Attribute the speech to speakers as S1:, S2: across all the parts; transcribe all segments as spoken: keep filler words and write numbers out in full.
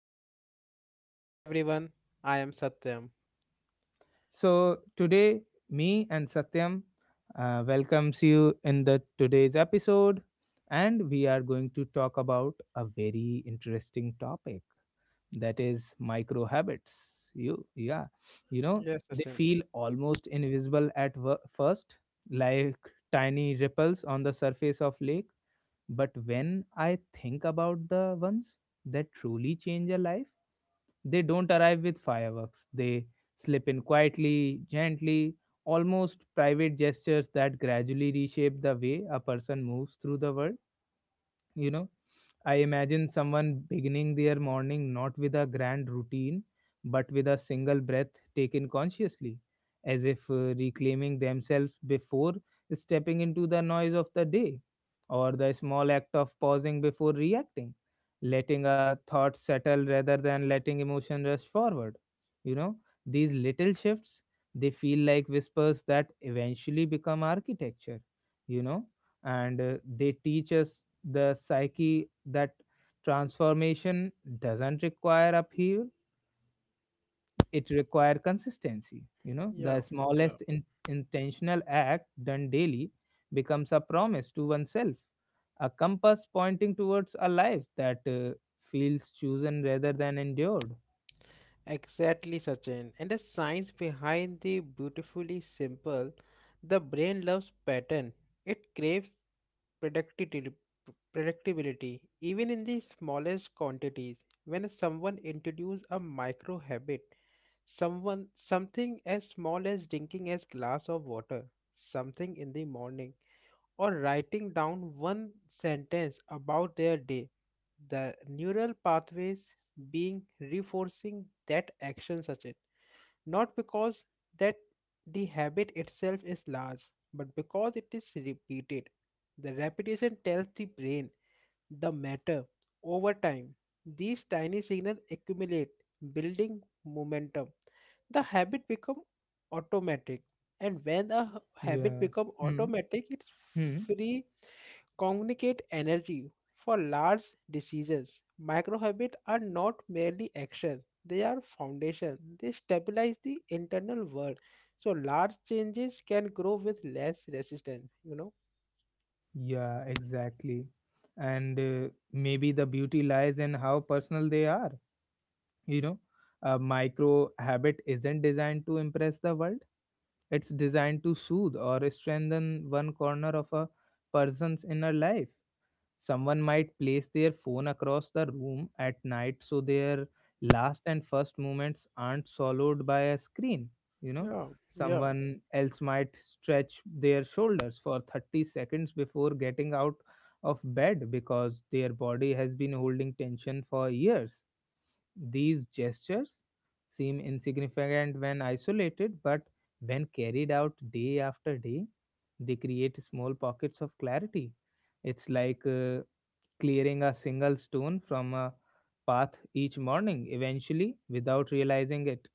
S1: Satyam.
S2: Hi everyone, I am Satyam.
S1: So today, me and Satyam uh, welcomes you in the today's episode, and we are going to talk about a very interesting topic, that is micro habits. You, yeah, you know,
S2: Yes,
S1: they
S2: Sachin.
S1: feel almost invisible at wo- first, like tiny ripples on the surface of lake. But when I think about the ones that truly change a life, they don't arrive with fireworks. They slip in quietly, gently, almost private gestures that gradually reshape the way a person moves through the world. You know, I imagine someone beginning their morning not with a grand routine, but with a single breath taken consciously, as if uh, reclaiming themselves before stepping into the noise of the day, or the small act of pausing before reacting, letting a thought settle rather than letting emotion rush forward. You know, these little shifts, they feel like whispers that eventually become architecture. You know, and uh, they teach us the psyche that transformation doesn't require upheaval, it requires consistency. You know, the
S2: Yeah, yeah.
S1: smallest in- intentional act done daily becomes a promise to oneself, a compass pointing towards a life that uh, feels chosen rather than endured.
S2: Exactly, Sachin. And the science behind the beautifully simple, the brain loves pattern. It craves predictability, predictability, even in the smallest quantities. When someone introduces a micro habit, someone something as small as drinking a glass of water, something in the morning or writing down one sentence about their day. The neural pathways being reinforcing that action such it not because that the habit itself is large but because it is repeated the repetition tells the brain the matter. Over time, these tiny signals accumulate, building momentum. The habit become automatic, and when a h- habit
S1: Yeah.
S2: become
S1: Hmm.
S2: automatic, it's
S1: Hmm.
S2: free communicate energy for large decisions. Micro habits are not merely actions; they are foundation. They stabilize the internal world, so large changes can grow with less resistance. You know?
S1: Yeah, exactly. And uh, maybe the beauty lies in how personal they are. You know, a micro habit isn't designed to impress the world, it's designed to soothe or strengthen one corner of a person's inner life. Someone might place their phone across the room at night so their last and first moments aren't swallowed by a screen. You know,
S2: Yeah. Yeah.
S1: someone else might stretch their shoulders for thirty seconds before getting out of bed because their body has been holding tension for years. These gestures seem insignificant when isolated, but when carried out day after day, they create small pockets of clarity. It's like uh, clearing a single stone from a path each morning. Eventually, without realizing it,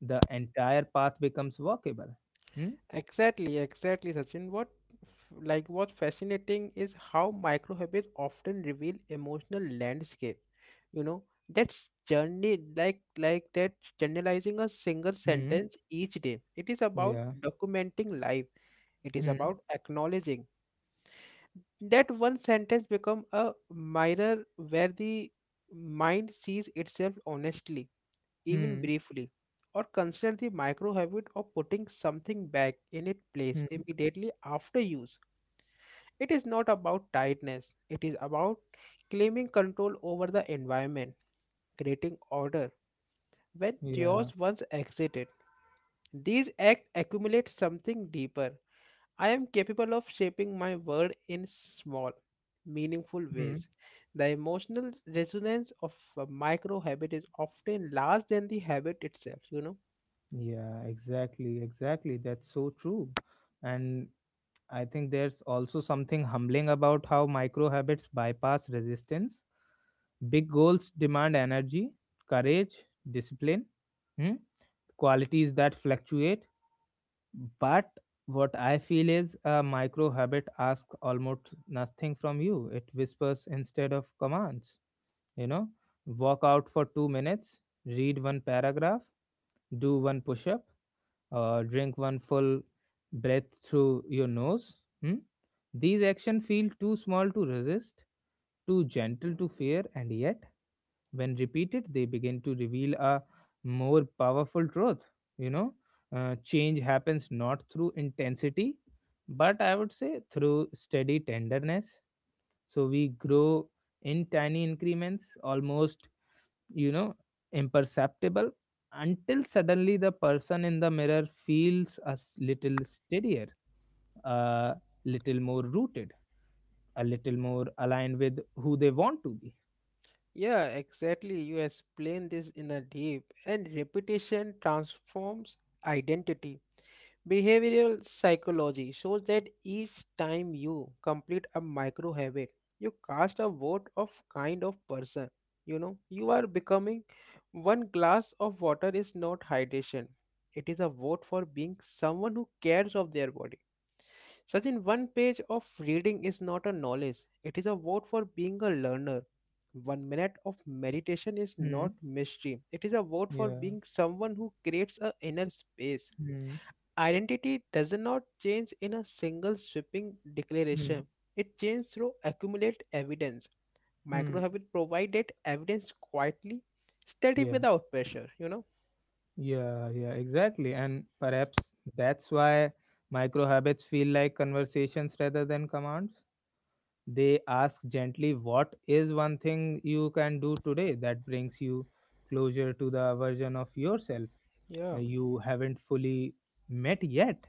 S1: the entire path becomes walkable. Hmm?
S2: Exactly, exactly, Sachin. What f- like what's fascinating is how micro habits often reveal emotional landscape. You know, that's journey like like that generalizing a single
S1: Hmm.
S2: sentence each day. It is about
S1: Yeah.
S2: documenting life. It is
S1: Hmm.
S2: about acknowledging that one sentence become a mirror where the mind sees itself honestly even
S1: Hmm.
S2: briefly, or consider the micro habit of putting something back in its place
S1: Hmm.
S2: immediately after use. It is not about tightness, it is about claiming control over the environment, creating order when
S1: Yeah.
S2: chaos once exited. These acts accumulate something deeper. I am capable of shaping my world in small, meaningful
S1: Hmm.
S2: ways. The emotional resonance of a micro habit is often larger than the habit itself, you know.
S1: Yeah. Exactly. Exactly. That's so true. And I think there's also something humbling about how micro habits bypass resistance. Big goals demand energy, courage, discipline, hmm, qualities that fluctuate. But what I feel is a micro habit asks almost nothing from you. It whispers instead of commands. You know, walk out for two minutes, read one paragraph, do one push up, uh, drink one full breath through your nose. Hmm? These actions feel too small to resist, too gentle to fear, and yet, when repeated, they begin to reveal a more powerful truth. You know, uh, change happens not through intensity, but I would say through steady tenderness. So we grow in tiny increments, almost, you know, imperceptible, until suddenly the person in the mirror feels a s- little steadier, a little more rooted, a little more aligned with who they want to be.
S2: Yeah, exactly. You explain this in a deep and repetition transforms identity. Behavioral psychology shows that each time you complete a micro habit, you cast a vote of kind of person. You know, you are becoming one glass of water is not hydration. It is a vote for being someone who cares of their body. Such in one page of reading is not a knowledge, it is a vote for being a learner. One minute of meditation is
S1: Hmm.
S2: not mystery, it is a vote for
S1: Yeah.
S2: being someone who creates a inner space.
S1: Hmm.
S2: Identity does not change in a single sweeping
S1: Hmm.
S2: declaration, it changes through accumulate evidence.
S1: Hmm.
S2: Microhabit provided evidence quietly, steady
S1: Yeah.
S2: without pressure, you know?
S1: Yeah yeah exactly, and perhaps that's why micro habits feel like conversations rather than commands. They ask gently, what is one thing you can do today that brings you closer to the version of yourself
S2: Yeah.
S1: uh, you haven't fully met yet?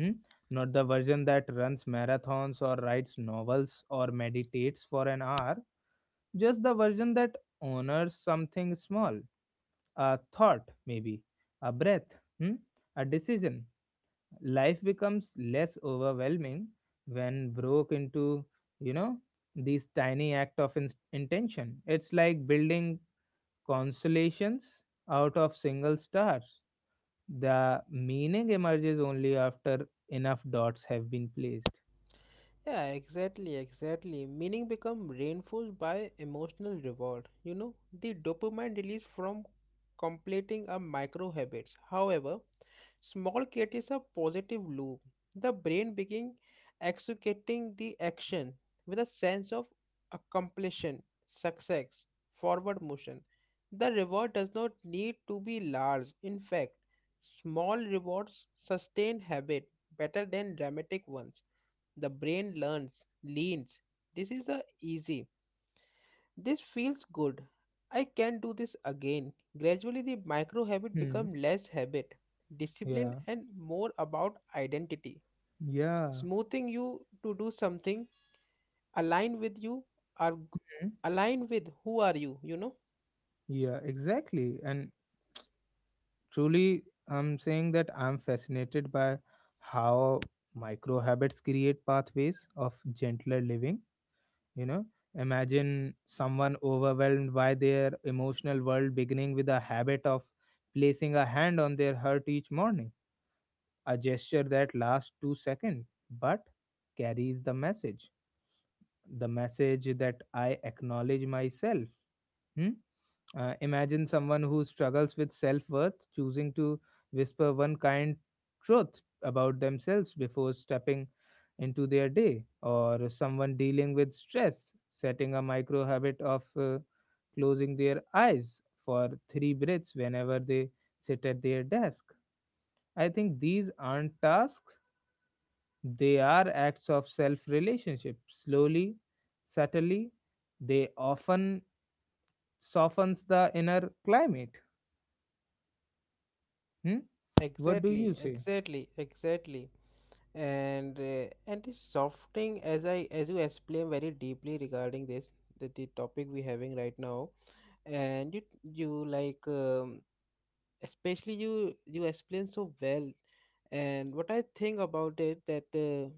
S1: Hmm? Not the version that runs marathons or writes novels or meditates for an hour, just the version that honors something small, a thought, maybe, a breath, hmm, a decision. Life becomes less overwhelming when broke into, you know, these tiny act of in- intention. It's like building constellations out of single stars, the meaning emerges only after enough dots have been placed.
S2: Yeah, exactly, exactly. Meaning become reinforced by emotional reward. You know, the dopamine released from completing a micro habits. However, small creates a positive loop. The brain begin executing the action with a sense of accomplishment, success, forward motion. The reward does not need to be large. In fact, small rewards sustain habit better than dramatic ones. The brain learns, leans. This is a easy. This feels good. I can do this again. Gradually the micro habit
S1: Hmm.
S2: become less habit, discipline
S1: Yeah.
S2: and more about identity.
S1: Yeah.
S2: Smoothing you to do something align with you are g-
S1: Hmm?
S2: align with who are you, you know?
S1: Yeah, exactly. And truly, I'm saying that I'm fascinated by how micro habits create pathways of gentler living. You know, imagine someone overwhelmed by their emotional world beginning with a habit of placing a hand on their heart each morning, a gesture that lasts two seconds, but carries the message the message that I acknowledge myself. Hmm? Uh, imagine someone who struggles with self worth choosing to whisper one kind truth about themselves before stepping into their day, or someone dealing with stress setting a micro habit of uh, closing their eyes for three breaths whenever they sit at their desk. I think these aren't tasks, they are acts of self relationship. Slowly, subtly, they often softens the inner climate. Hmm. What do you
S2: Exactly,
S1: say?
S2: exactly, exactly. And uh, and this softening as I as you explain very deeply regarding this the, the topic we having right now and you you like um, especially you you explain so well and what I think about it that uh,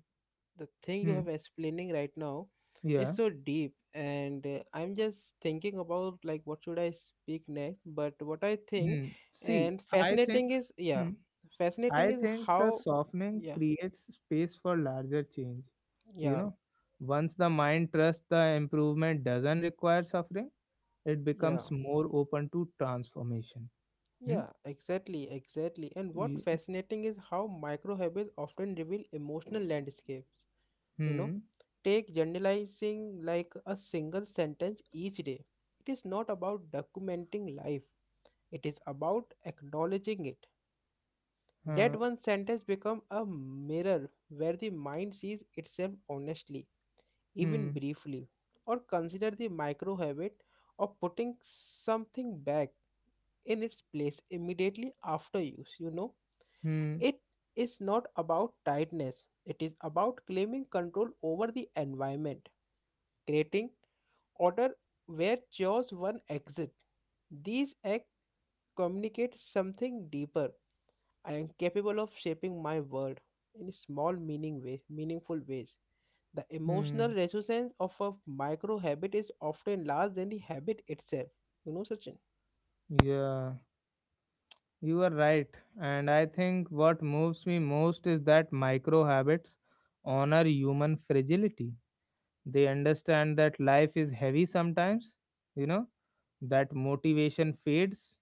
S2: the thing you
S1: Hmm.
S2: have explaining right now is
S1: Yeah.
S2: so deep and uh, I'm just thinking about like what should I speak next but what I think
S1: Hmm. See,
S2: and
S1: I think.
S2: fascinating is yeah
S1: Hmm.
S2: fascinating
S1: I
S2: is
S1: think the
S2: how
S1: softening
S2: yeah
S1: creates space for larger change. You
S2: yeah
S1: know, once the mind trusts the improvement doesn't require suffering, it
S2: yeah
S1: becomes more open to transformation. Hmm.
S2: yeah exactly exactly and what
S1: You,
S2: fascinating is how micro habits often reveal emotional landscapes you know
S1: hmm.
S2: take generalizing like a single sentence each day it is not about documenting life it is about acknowledging it that
S1: Huh.
S2: one sentence become a mirror where the mind sees itself honestly even
S1: Hmm.
S2: briefly or consider the micro habit of putting something back in its place immediately after use you know
S1: Hmm.
S2: it is not about tightness it is about claiming control over the environment creating order where choose one exit. These acts communicate something deeper. I am capable of shaping my world in small meaning way, meaningful ways. The emotional
S1: Hmm.
S2: resonance of a micro habit is often larger than the habit itself. You know such.
S1: Yeah. You are right. And I think what moves me most is that micro habits honor human fragility. They understand that life is heavy sometimes, you know, that motivation fades,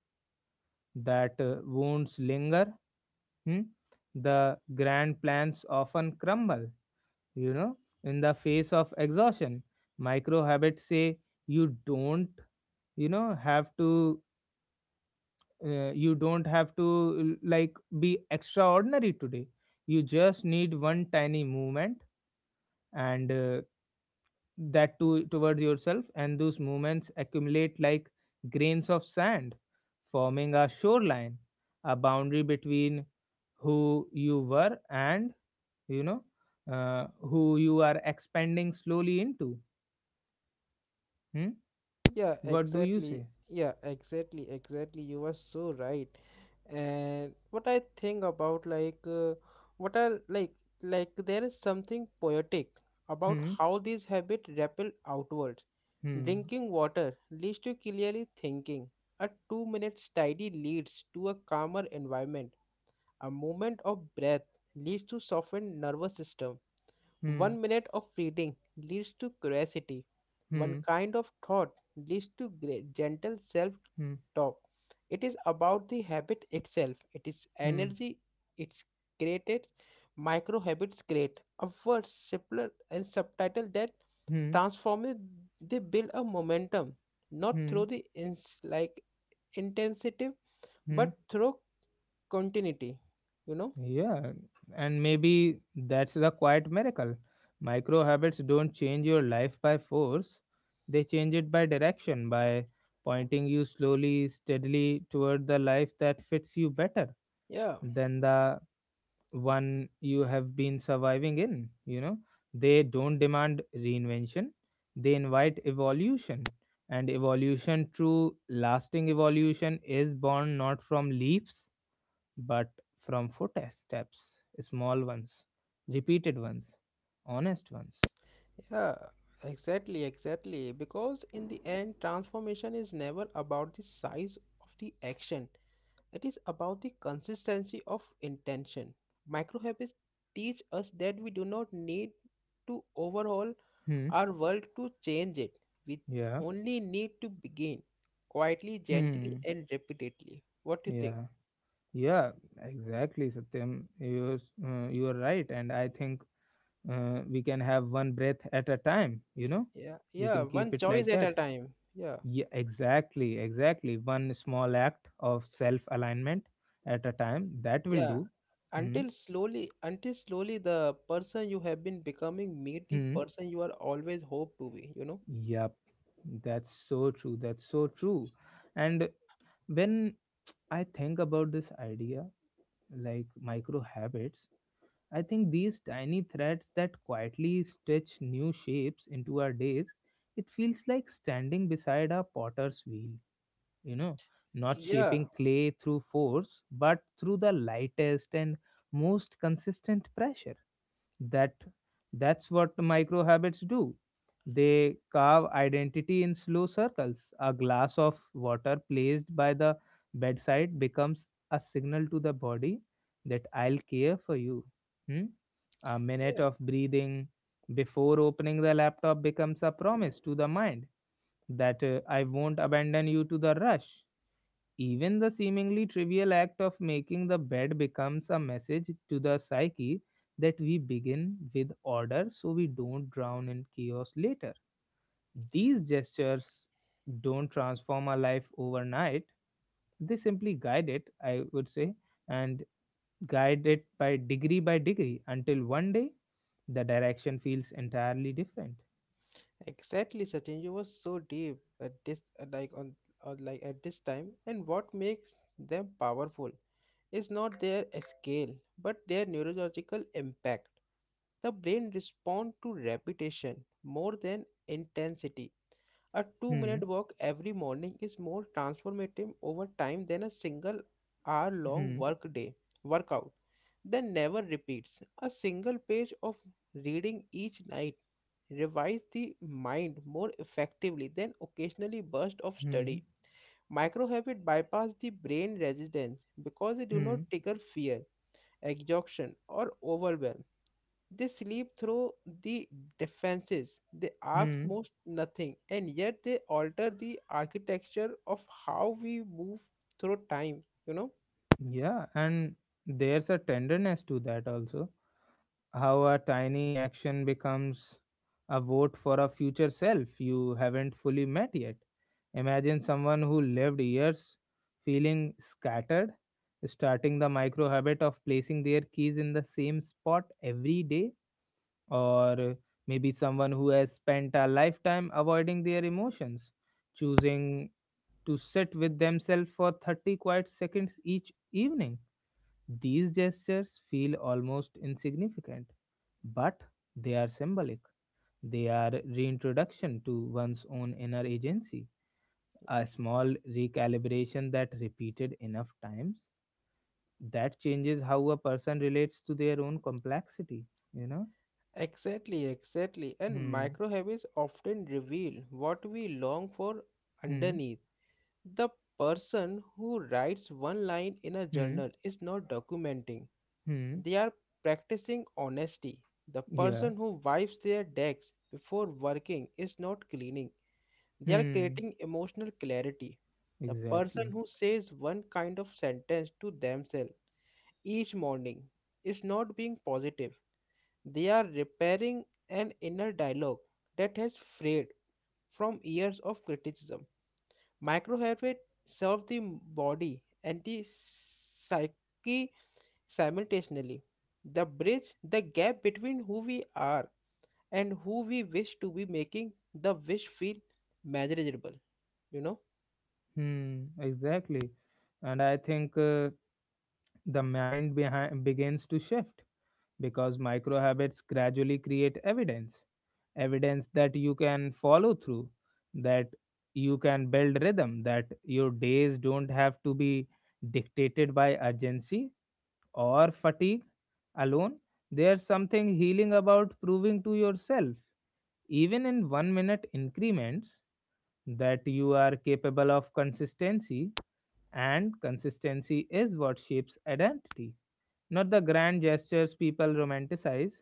S1: that uh, wounds linger, hmm, the grand plans often crumble, you know, in the face of exhaustion. Micro habits say you don't, you know, have to, uh, you don't have to like be extraordinary today. You just need one tiny movement and uh, that to toward yourself, and those movements accumulate like grains of sand forming a shoreline, a boundary between who you were and, you know, uh, who you are expanding slowly into. Hmm?
S2: Yeah,
S1: What do you
S2: exactly.
S1: say?
S2: Yeah, exactly, exactly. You were so right. And what I think about like uh, what I like like there is something poetic about
S1: Hmm.
S2: how these habits ripple outwards.
S1: Hmm.
S2: Drinking water leads to clearly thinking. A two minute study leads to a calmer environment. A moment of breath leads to softened nervous system.
S1: Hmm.
S2: One minute of reading leads to curiosity. One
S1: Hmm.
S2: kind of thought leads to gre- gentle self
S1: Hmm.
S2: talk. It is about the habit itself. It is
S1: Hmm.
S2: energy. It's created. Micro habits create a word simpler and subtitle that
S1: Hmm.
S2: transform it. They build a momentum, not
S1: Hmm.
S2: through the ins- like intensity,
S1: Hmm.
S2: but through continuity. You know?
S1: Yeah, and maybe that's the quiet miracle. Micro habits don't change your life by force, they change it by direction, by pointing you slowly, steadily toward the life that fits you better
S2: Yeah.
S1: than the one you have been surviving in. You know, they don't demand reinvention, they invite evolution. And evolution, true lasting evolution, is born not from leaps, but from footsteps, small ones, repeated ones, honest ones.
S2: Yeah, exactly, exactly. Because in the end, transformation is never about the size of the action, it is about the consistency of intention. Micro habits teach us that we do not need to overhaul
S1: Hmm.
S2: our world to change it, we
S1: Yeah.
S2: only need to begin quietly, gently,
S1: Hmm.
S2: and repeatedly. What do you think?
S1: Yeah. Yeah. Exactly, Satyam. You uh, you are right, and I think uh, we can have one breath at a time. You know,
S2: Yeah,
S1: we
S2: yeah,
S1: can keep
S2: one
S1: it
S2: choice
S1: like
S2: at a
S1: that.
S2: time. Yeah,
S1: Yeah. Exactly. Exactly. One small act of self alignment at a time, that will
S2: yeah,
S1: do. Hmm.
S2: until slowly until slowly the person you have been becoming meet the
S1: Hmm.
S2: person you are always hope to be, you know.
S1: Yep. That's so true. That's so true. And when I think about this idea, like micro habits, I think these tiny threads that quietly stitch new shapes into our days, it feels like standing beside a potter's wheel. You know, not
S2: Yeah
S1: shaping clay through force, but through the lightest and most consistent pressure. That that's what micro habits do, they carve identity in slow circles. A glass of water placed by the bedside becomes a signal to the body that I'll care for you. Hmm? A minute
S2: yeah
S1: of breathing before opening the laptop becomes a promise to the mind that uh, I won't abandon you to the rush. Even the seemingly trivial act of making the bed becomes a message to the psyche that we begin with order so we don't drown in chaos later. These gestures don't transform our life overnight, they simply guide it, I would say, and guide it by degree by degree until one day the direction feels entirely different.
S2: exactly, Sachin. You were so deep at this uh, like on or like at this time and what makes them powerful is not their scale but their neurological impact. The brain responds to repetition more than intensity. A two
S1: Hmm,
S2: minute walk every morning is more transformative over time than a single hour long
S1: hmm,
S2: work day workout that never repeats. A single page of reading each night revives the mind more effectively than occasionally burst of
S1: hmm,
S2: study. Micro habit bypass the brain resistance because they do
S1: hmm,
S2: not trigger fear, exhaustion, or overwhelm. They sleep through the defenses. They ask
S1: hmm.
S2: most nothing, and yet they alter the architecture of how we move through time, you know?
S1: Yeah, and there's a tenderness to that also. How a tiny action becomes a vote for a future self you haven't fully met yet. Imagine someone who lived years feeling scattered, starting the micro habit of placing their keys in the same spot every day, or maybe someone who has spent a lifetime avoiding their emotions, choosing to sit with themselves for thirty quiet seconds each evening. These gestures feel almost insignificant, but they are symbolic. They are reintroduction to one's own inner agency, a small recalibration that repeated enough times that changes how a person relates to their own complexity, you know?
S2: Exactly, exactly. And
S1: Hmm,
S2: micro habits often reveal what we long for
S1: hmm,
S2: underneath. The person who writes one line in a
S1: hmm,
S2: journal is not documenting,
S1: hmm,
S2: they are practicing honesty. The
S1: yeah,
S2: person who wipes their decks before working is not cleaning, they are
S1: hmm,
S2: creating emotional clarity. The person
S1: exactly,
S2: who says one kind of sentence to themselves each morning is not being positive. They are repairing an inner dialogue that has frayed from years of criticism. Microhabits serve the body and the psyche simultaneously. The bridge, the gap between who we are and who we wish to be making the wish feel manageable, you know.
S1: hmm, exactly. And I think uh, the mind behind begins to shift because micro habits gradually create evidence, evidence that you can follow through, that you can build rhythm, that your days don't have to be dictated by urgency or fatigue alone. There's something healing about proving to yourself, even in one minute increments, that you are capable of consistency, and consistency is what shapes identity. Not the grand gestures people romanticize,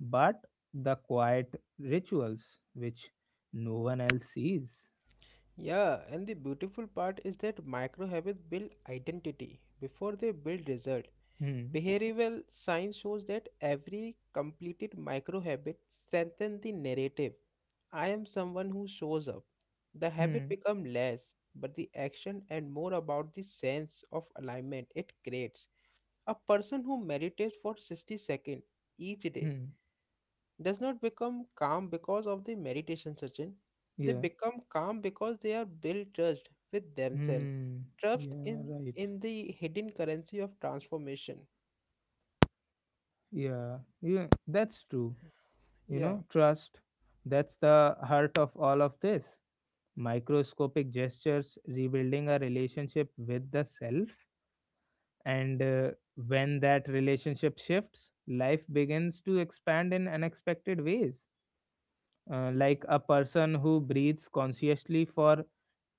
S1: but the quiet rituals which no one else sees.
S2: Yeah, and the beautiful part is that micro habits build identity before they build result.
S1: Hmm.
S2: Behavioral science shows that every completed micro habit strengthens the narrative. I am someone who shows up. The habit
S1: Hmm.
S2: become less, but the action and more about the sense of alignment it creates. A person who meditates for sixty seconds each day
S1: Hmm.
S2: does not become calm because of the meditation session. They
S1: Yeah.
S2: become calm because they are built trust with themselves.
S1: Hmm.
S2: Trust
S1: Yeah.
S2: in
S1: Right.
S2: in the hidden currency of transformation.
S1: Yeah. Yeah. That's true. You
S2: Yeah.
S1: know, trust. That's the heart of all of this. Microscopic gestures rebuilding a relationship with the self. And uh, when that relationship shifts, life begins to expand in unexpected ways. Uh, like a person who breathes consciously for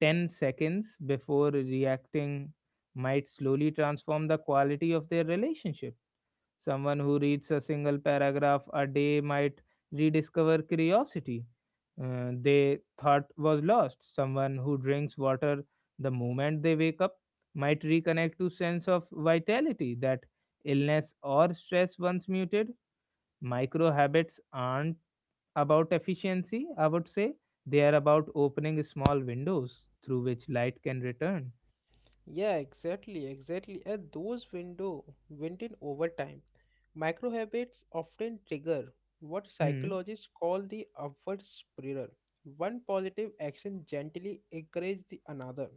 S1: ten seconds before reacting might slowly transform the quality of their relationship. Someone who reads a single paragraph a day might rediscover curiosity uh, they thought was lost. Someone who drinks water the moment they wake up might reconnect to sense of vitality that illness or stress once muted. Micro habits aren't about efficiency, I would say, they are about opening small windows through which light can return.
S2: Yeah, exactly, exactly. At those window went in over time. Micro habits often trigger what
S1: Hmm,
S2: psychologists call the upward spiral. One positive action gently encourages the another.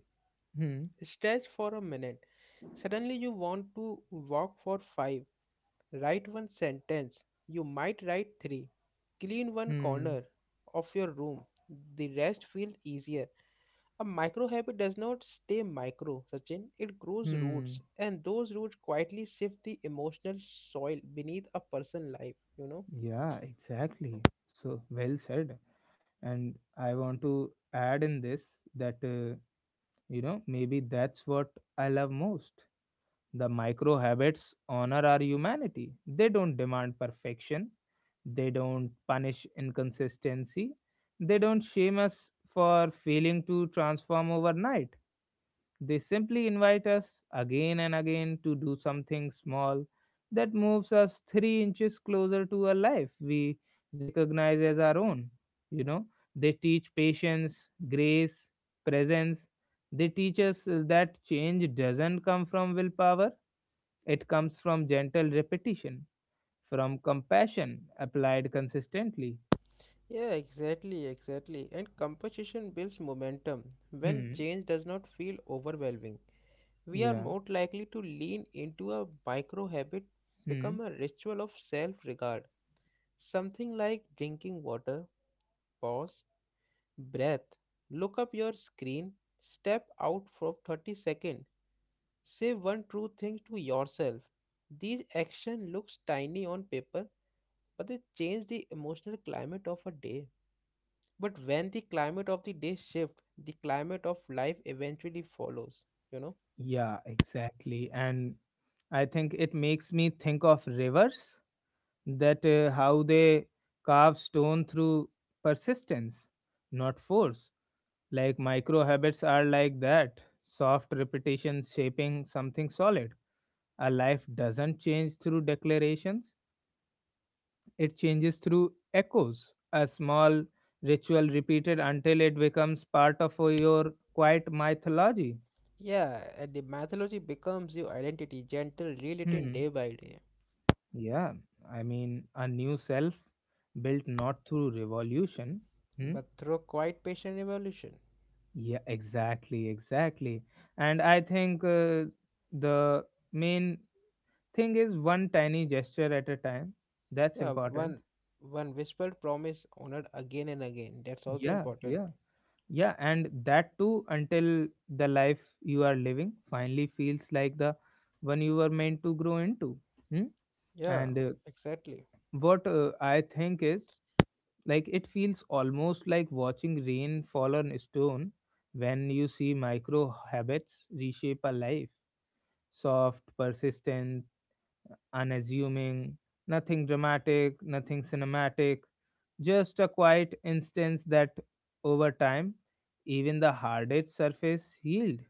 S1: hmm,
S2: Stretch for a minute. Suddenly you want to walk for five. Write one sentence. You might write three. Clean one
S1: hmm,
S2: corner of your room. The rest feels easier. A micro habit does not stay micro, Sachin. It grows roots,
S1: hmm.
S2: and those roots quietly shift the emotional soil beneath a person's life, you know.
S1: Yeah, exactly. So well said. And I want to add in this that, uh, you know, maybe that's what I love most. The micro habits honor our humanity. They don't demand perfection, they don't punish inconsistency, they don't shame us for failing to transform overnight. They simply invite us again and again to do something small that moves us three inches closer to a life we recognize as our own. You know, they teach patience, grace, presence. They teach us that change doesn't come from willpower, it comes from gentle repetition, from compassion applied consistently.
S2: Yeah, exactly, exactly. And competition builds momentum. When
S1: Hmm.
S2: change does not feel overwhelming, we are
S1: Yeah.
S2: more likely to lean into a micro habit,
S1: Hmm.
S2: become a ritual of self regard. Something like drinking water, pause, breath, look up your screen, step out for thirty seconds, say one true thing to yourself. These action looks tiny on paper, but they change the emotional climate of a day. But when the climate of the day shift, the climate of life eventually follows, you know?
S1: Yeah, exactly. And I think it makes me think of rivers that uh, how they carve stone through persistence, not force. Like micro habits are like that soft repetition shaping something solid. A life doesn't change through declarations, it changes through echoes, a small ritual repeated until it becomes part of your quiet mythology.
S2: Yeah, and the mythology becomes your identity, gentle, rewritten
S1: Hmm.
S2: day by day,
S1: Yeah, I mean, a new self built not through revolution. Hmm?
S2: but through quite patient evolution.
S1: Yeah, exactly, exactly. And I think uh, the main thing is one tiny gesture at a time. That's
S2: Yeah,
S1: important.
S2: one one whispered promise honored again and again. That's also
S1: Yeah,
S2: important.
S1: yeah. Yeah, and that too until the life you are living finally feels like the one you were meant to grow into. Hmm?
S2: Yeah,
S1: And uh,
S2: exactly,
S1: what uh, I think is like it feels almost like watching rain fall on stone when you see micro habits reshape a life, soft, persistent, unassuming, nothing dramatic, nothing cinematic, just a quiet instance that, over time, even the hardest surface healed.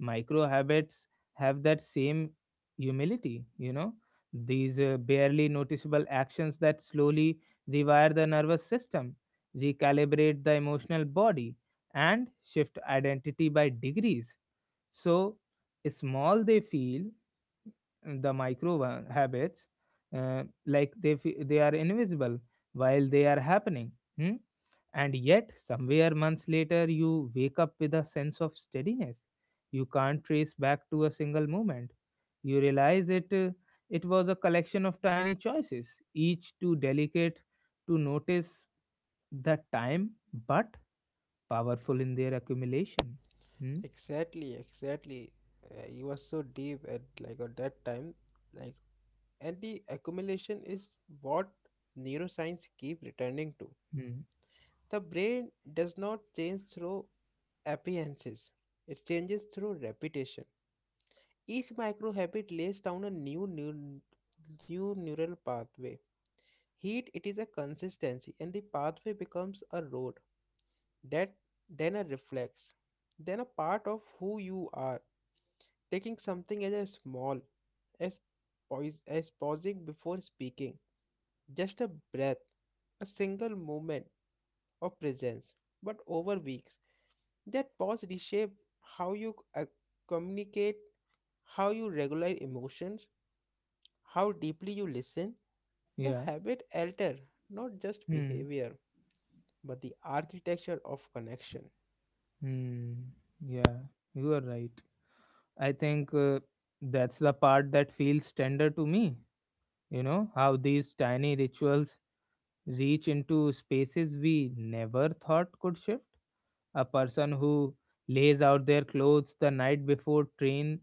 S1: Micro habits have that same humility, you know, these uh, barely noticeable actions that slowly rewire the nervous system, recalibrate the emotional body, and shift identity by degrees. So small they feel, mm, the micro one- habits uh, like they fe- they are invisible while they are happening. Hmm? And yet somewhere months later you wake up with a sense of steadiness you can't trace back to a single moment. You realize it uh, it was a collection of tiny choices, each too delicate to notice the time, but powerful in their accumulation. Hmm?
S2: exactly, exactly. Uh, you were so deep at like at that time, like and the accumulation is what neuroscience keep returning to.
S1: Hmm.
S2: The brain does not change through appearances; it changes through repetition. Each micro habit lays down a new new new neural pathway. Heat it is a consistency and the pathway becomes a road that then a reflex, then a part of who you are. Taking something as a small as poise, as pausing before speaking, just a breath, a single moment of presence, but over weeks. That pause reshape how you uh, communicate, how you regulate emotions, how deeply you listen. The
S1: Yeah.
S2: habit alter, not just
S1: Hmm.
S2: behavior, but the architecture of connection.
S1: Hmm. Yeah, you are right. I think uh, that's the part that feels tender to me. You know, how these tiny rituals reach into spaces we never thought could shift. A person who lays out their clothes the night before train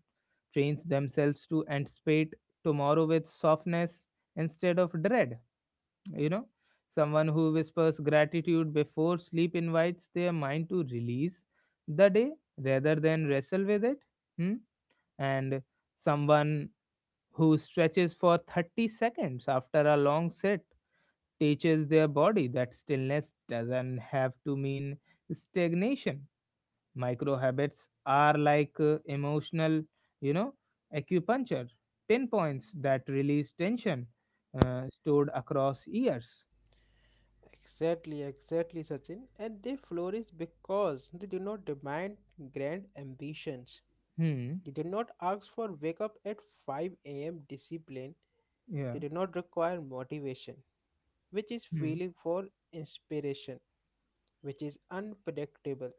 S1: trains themselves to anticipate tomorrow with softness instead of dread. You know, someone who whispers gratitude before sleep invites their mind to release the day rather than wrestle with it. Hmm? And someone who stretches for thirty seconds after a long sit teaches their body that stillness doesn't have to mean stagnation. Micro habits are like uh, emotional, you know, acupuncture, pinpoints that release tension uh, stored across years.
S2: Exactly, exactly, Sachin. And they flourish because they do not demand grand ambitions.
S1: Hmm?
S2: They do not ask for wake up at five a m discipline.
S1: Yeah.
S2: They do not require motivation, which is
S1: Hmm.
S2: feeling for inspiration, which is unpredictable.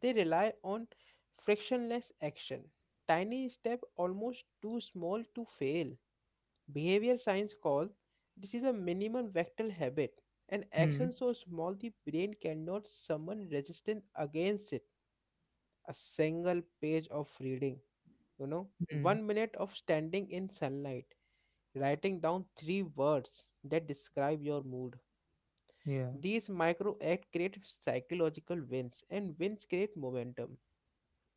S2: They rely on frictionless action. Tiny step almost too small to fail. Behavioral science calls this is a minimum vector habit, an
S1: Hmm.
S2: action so small the brain cannot summon resistance against it. A single page of reading, you know,
S1: Hmm.
S2: one minute of standing in sunlight, writing down three words that describe your mood.
S1: Yeah,
S2: These micro acts create psychological wins, and wins create momentum.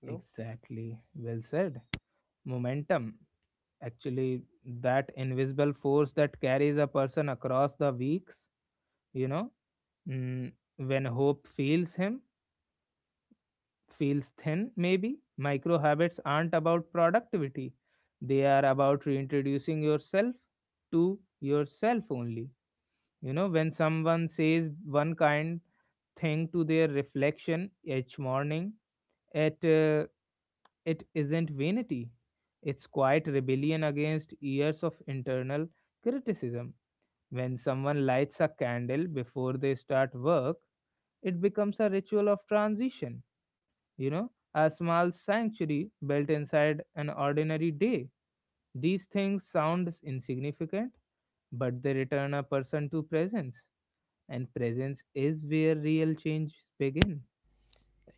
S2: You know,
S1: exactly. Well said. Momentum. Actually, that invisible force that carries a person across the weeks, you know, mm, when hope feels him, feels thin, maybe. Micro habits aren't about productivity, they are about reintroducing yourself to yourself only. You know, when someone says one kind thing to their reflection each morning, at uh, it isn't vanity, it's quiet rebellion against years of internal criticism. When someone lights a candle before they start work, it becomes a ritual of transition, you know, a small sanctuary built inside an ordinary day. These things sound insignificant, but they return a person to presence, and presence is where real change begin.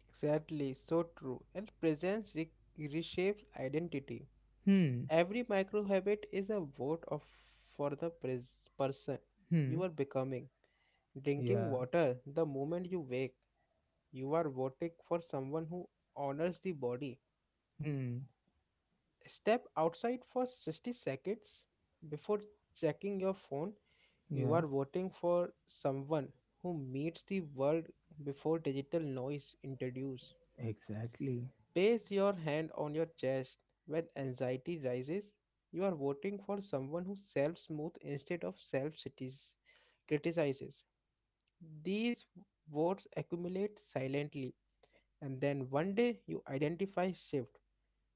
S2: exactly so true. And presence re- reshapes identity.
S1: Hmm,
S2: Every micro habit is a vote of for the pres- person
S1: hmm,
S2: you are becoming. Drinking
S1: yeah,
S2: water the moment you wake, you are voting for someone who honors the body.
S1: hmm,
S2: Step outside for sixty seconds before checking your phone, you
S1: yeah,
S2: are voting for someone who meets the world before digital noise introduced.
S1: exactly.
S2: Place your hand on your chest when anxiety rises. You are voting for someone who self smooth instead of self criticizes. These votes accumulate silently, and then one day you identify shift.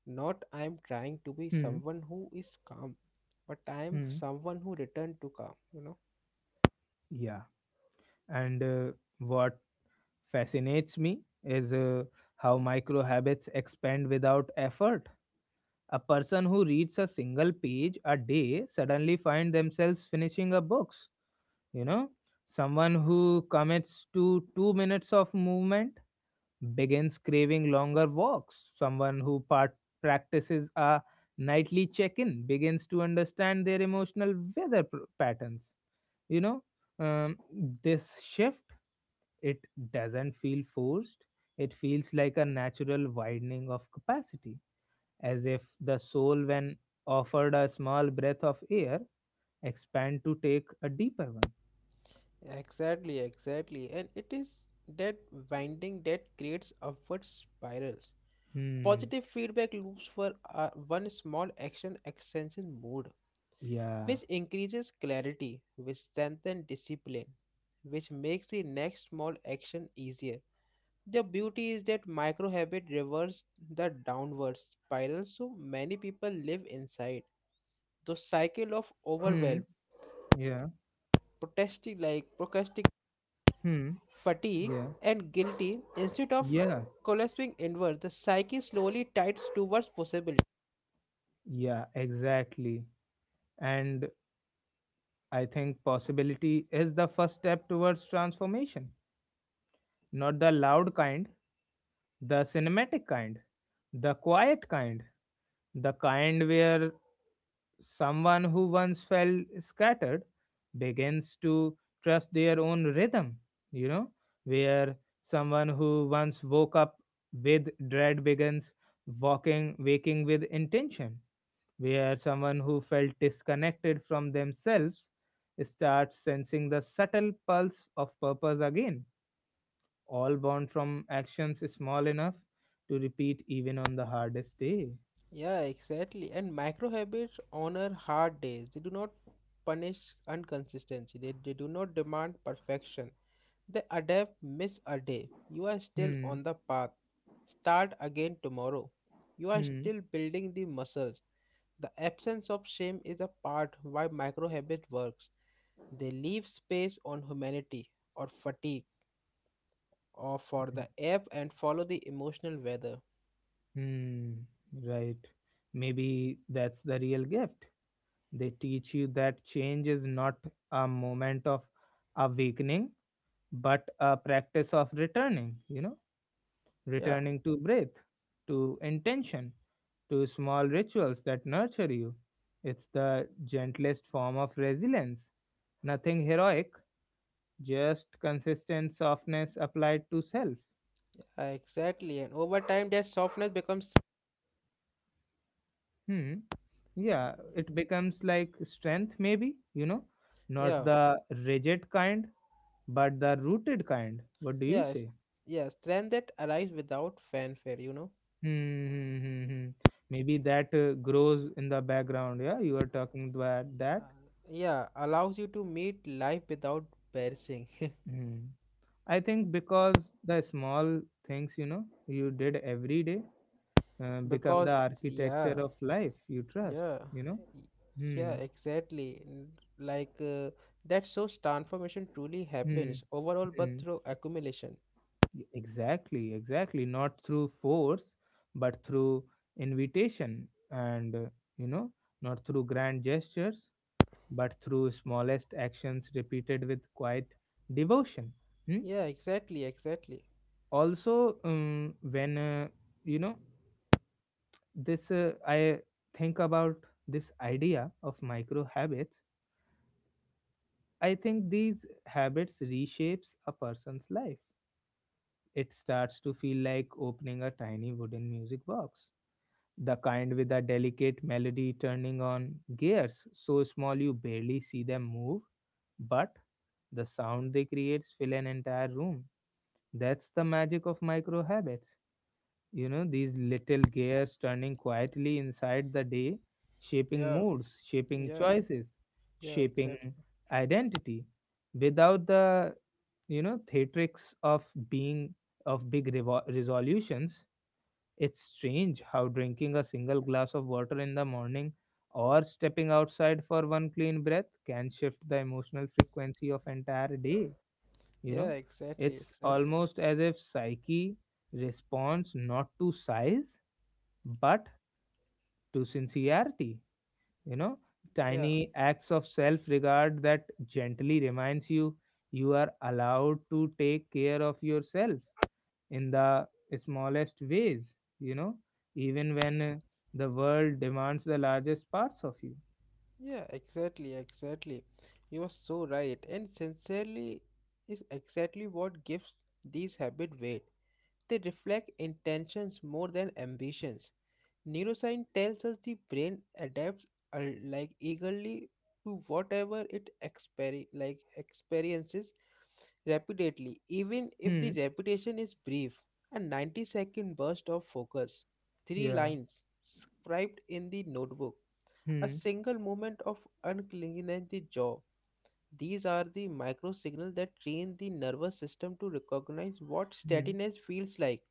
S2: Not I am trying to be
S1: Hmm.
S2: someone who is calm, but I am
S1: Hmm.
S2: someone who return to calm, you know.
S1: Yeah. And uh, what fascinates me is uh, how micro habits expand without effort. A person who reads a single page a day suddenly find themselves finishing a books. You know, someone who commits to two minutes of movement begins craving longer walks. Someone who part- practices a nightly check-in begins to understand their emotional weather pr- patterns. You know, um, this shift, it doesn't feel forced, it feels like a natural widening of capacity, as if the soul, when offered a small breath of air, expand to take a deeper one.
S2: Exactly, exactly. And it is that winding that creates upward spiral.
S1: Hmm.
S2: Positive feedback loops for uh, one small action extension mode,
S1: Yeah.
S2: which increases clarity, which strengthens discipline, which makes the next small action easier. The beauty is that micro habit reverse the downward spiral so many people live inside. The cycle of
S1: Hmm.
S2: overwhelm,
S1: Yeah.
S2: protesting like procrastic
S1: Hmm.
S2: fatigue
S1: Yeah.
S2: and guilty instead of
S1: Yeah.
S2: collapsing inward, the psyche slowly tides towards possibility.
S1: Yeah. Exactly. And I think possibility is the first step towards transformation. Not the loud kind, the cinematic kind, the quiet kind, the kind where someone who once felt scattered begins to trust their own rhythm, you know, where someone who once woke up with dread begins walking waking with intention, where someone who felt disconnected from themselves starts sensing the subtle pulse of purpose again, all born from actions small enough to repeat even on the hardest day.
S2: Yeah, exactly. And micro habits honor hard days. They do not punish inconsistency. They, they do not demand perfection. They adapt, miss a day. You are still
S1: Hmm.
S2: on the path. Start again tomorrow. You are
S1: Hmm.
S2: still building the muscles. The absence of shame is a part why micro habit works. They leave space on humanity or fatigue or for
S1: Hmm.
S2: the ebb and follow the emotional weather.
S1: Hmm, right. Maybe that's the real gift. They teach you that change is not a moment of awakening, but a practice of returning, you know,
S2: Yeah,
S1: returning to breath, to intention, to small rituals that nurture you. It's the gentlest form of resilience. Nothing heroic, just consistent softness applied to self.
S2: exactly. And over time, that softness becomes
S1: Hmm. Yeah, it becomes like strength, maybe, you know, not
S2: yeah,
S1: the rigid kind, but the rooted kind. What do you
S2: yes,
S1: say?
S2: yeah, strength that arrives without fanfare, you know.
S1: Hmm. Hmm, hmm, hmm. Hmm. Maybe that uh, grows in the background. Yeah, you are talking about
S2: Uh,
S1: that.
S2: yeah, allows you to meet life without perishing.
S1: Hmm. I think because the small things, you know, you did every day uh, become the
S2: Because, yeah,
S1: architecture of life you trust,
S2: yeah,
S1: you know.
S2: y- yeah,
S1: Hmm.
S2: exactly. N- Like uh, that shows transformation truly
S1: Hmm.
S2: happens overall, but
S1: Hmm.
S2: through accumulation.
S1: Y- Exactly, exactly. Not through force, but through invitation and, uh, you know, not through grand gestures, but through smallest actions repeated with quiet devotion. Hmm?
S2: Yeah, exactly, exactly.
S1: Also, um, when, uh, you know, this, uh, I think about this idea of micro habits, I think these habits reshapes a person's life. It starts to feel like opening a tiny wooden music box, the kind with a delicate melody turning on gears so small you barely see them move, but the sound they create fill an entire room. That's the magic of micro habits. You know, these little gears turning quietly inside the day, shaping
S2: Yeah,
S1: moods, shaping
S2: yeah,
S1: choices,
S2: yeah, exactly.
S1: shaping identity without the, you know, theatrics of being of big revo- resolutions. It's strange how drinking a single glass of water in the morning or stepping outside for one clean breath can shift the emotional frequency of entire day, you
S2: Yeah,
S1: know.
S2: exactly,
S1: It's
S2: exactly.
S1: almost as if psyche responds not to size but to sincerity, you know.
S2: Yeah.
S1: Tiny acts of self-regard that gently reminds you you are allowed to take care of yourself in the smallest ways, you know, even when uh, the world demands the largest parts of you.
S2: Yeah, exactly, exactly. You are so right. And sincerely is exactly what gives these habit weight. They reflect intentions more than ambitions. Neuroscience tells us the brain adapts uh, like eagerly to whatever it exper- like experiences rapidly, even if the
S1: Hmm.
S2: repetition is brief. A ninety second burst of focus, three
S1: Yeah.
S2: lines scribed in the notebook a
S1: Hmm.
S2: single movement of uncleanness the jaw. These are the micro signals that train the nervous system to recognize what
S1: Hmm.
S2: steadiness feels like.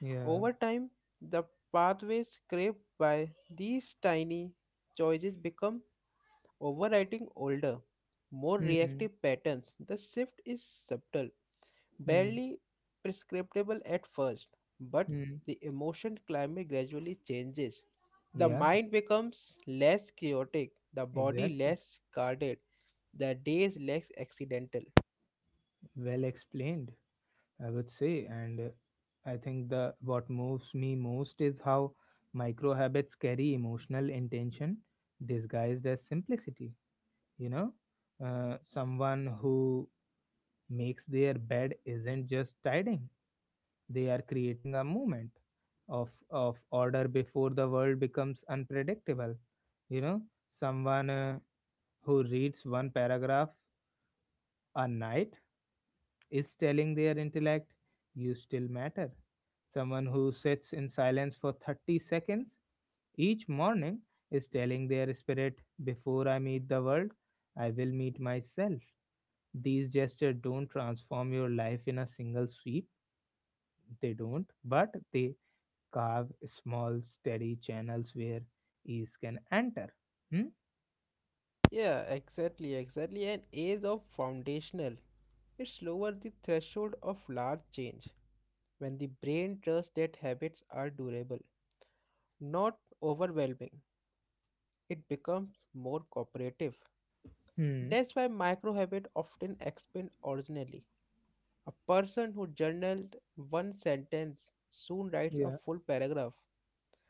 S1: Yeah.
S2: Over time, the pathways scraped by these tiny choices become overriding older, more
S1: Hmm.
S2: reactive patterns. The shift is subtle
S1: Hmm.
S2: barely prescriptable at first, but
S1: Hmm.
S2: the emotion climate gradually changes. The
S1: Yeah.
S2: mind becomes less chaotic, the body
S1: Exactly.
S2: less guarded, the days less accidental.
S1: Well explained, I would say. And uh, I think the what moves me most is how micro habits carry emotional intention disguised as simplicity. You know, uh, someone who makes their bed isn't just tidying, they are creating a movement of of order before the world becomes unpredictable. You know, someone uh, who reads one paragraph a night is telling their intellect, you still matter. Someone who sits in silence for thirty seconds each morning is telling their spirit, before I meet the world, I will meet myself. These gestures don't transform your life in a single sweep. They don't, but they carve small, steady channels where ease can enter. Hmm?
S2: Yeah, exactly, exactly. An age of foundational. It's lower the threshold of large change when the brain trusts that habits are durable, not overwhelming. It becomes more cooperative.
S1: Hmm.
S2: That's why micro habits often expand originally. A person who journaled one sentence soon writes a
S1: Yeah.
S2: full paragraph.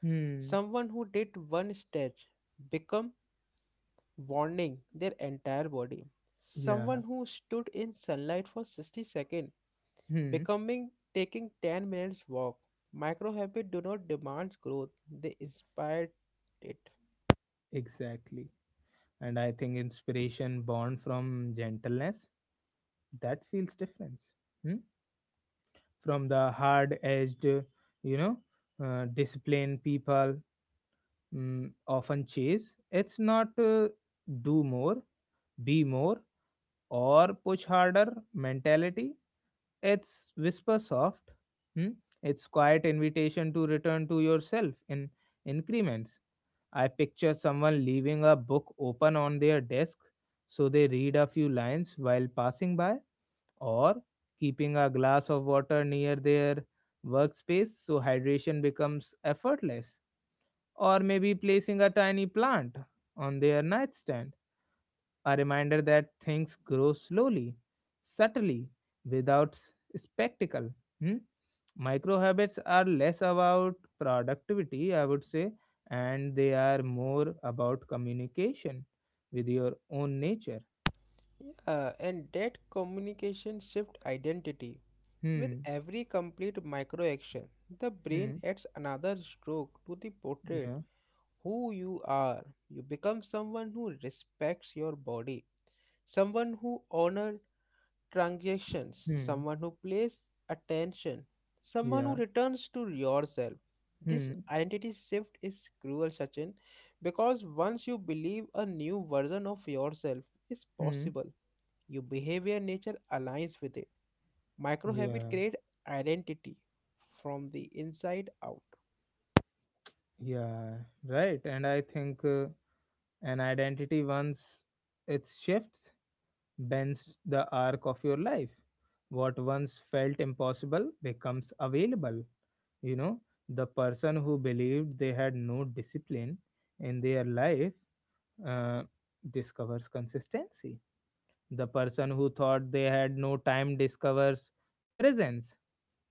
S1: Hmm.
S2: Someone who did one stretch become warning their entire body.
S1: Yeah.
S2: Someone who stood in sunlight for sixty seconds
S1: Hmm.
S2: becoming taking ten minutes walk. Micro habit do not demand growth, they inspire it.
S1: Exactly. And I think inspiration born from gentleness that feels difference. Hmm? From the hard-edged, you know, uh, disciplined people mm, often chase. It's not uh, do more, be more, or push harder mentality. It's whisper soft. Hmm? It's quiet invitation to return to yourself in increments. I picture someone leaving a book open on their desk so they read a few lines while passing by, or keeping a glass of water near their workspace so hydration becomes effortless, or maybe placing a tiny plant on their nightstand, a reminder that things grow slowly, subtly, without s- spectacle. Hmm? Micro habits are less about productivity, I would say, and they are more about communication with your own nature.
S2: Yeah, and that communication shift identity. With
S1: Hmm.
S2: every complete micro action, the brain
S1: Hmm.
S2: adds another stroke to the portrait.
S1: Yeah.
S2: Who you are. You become someone who respects your body, someone who honors transactions,
S1: Hmm.
S2: someone who plays attention, someone who
S1: Yeah.
S2: returns to yourself. This
S1: Hmm.
S2: identity shift is cruel, Sachin, because once you believe a new version of yourself is
S1: Hmm.
S2: possible, your behavior nature aligns with it. Micro habit
S1: Yeah.
S2: create identity from the inside out.
S1: Yeah. Right. And I think. Uh, An identity, once it shifts, bends the arc of your life. What once felt impossible becomes available. You know, the person who believed they had no discipline in their life uh, discovers consistency. The person who thought they had no time discovers presence.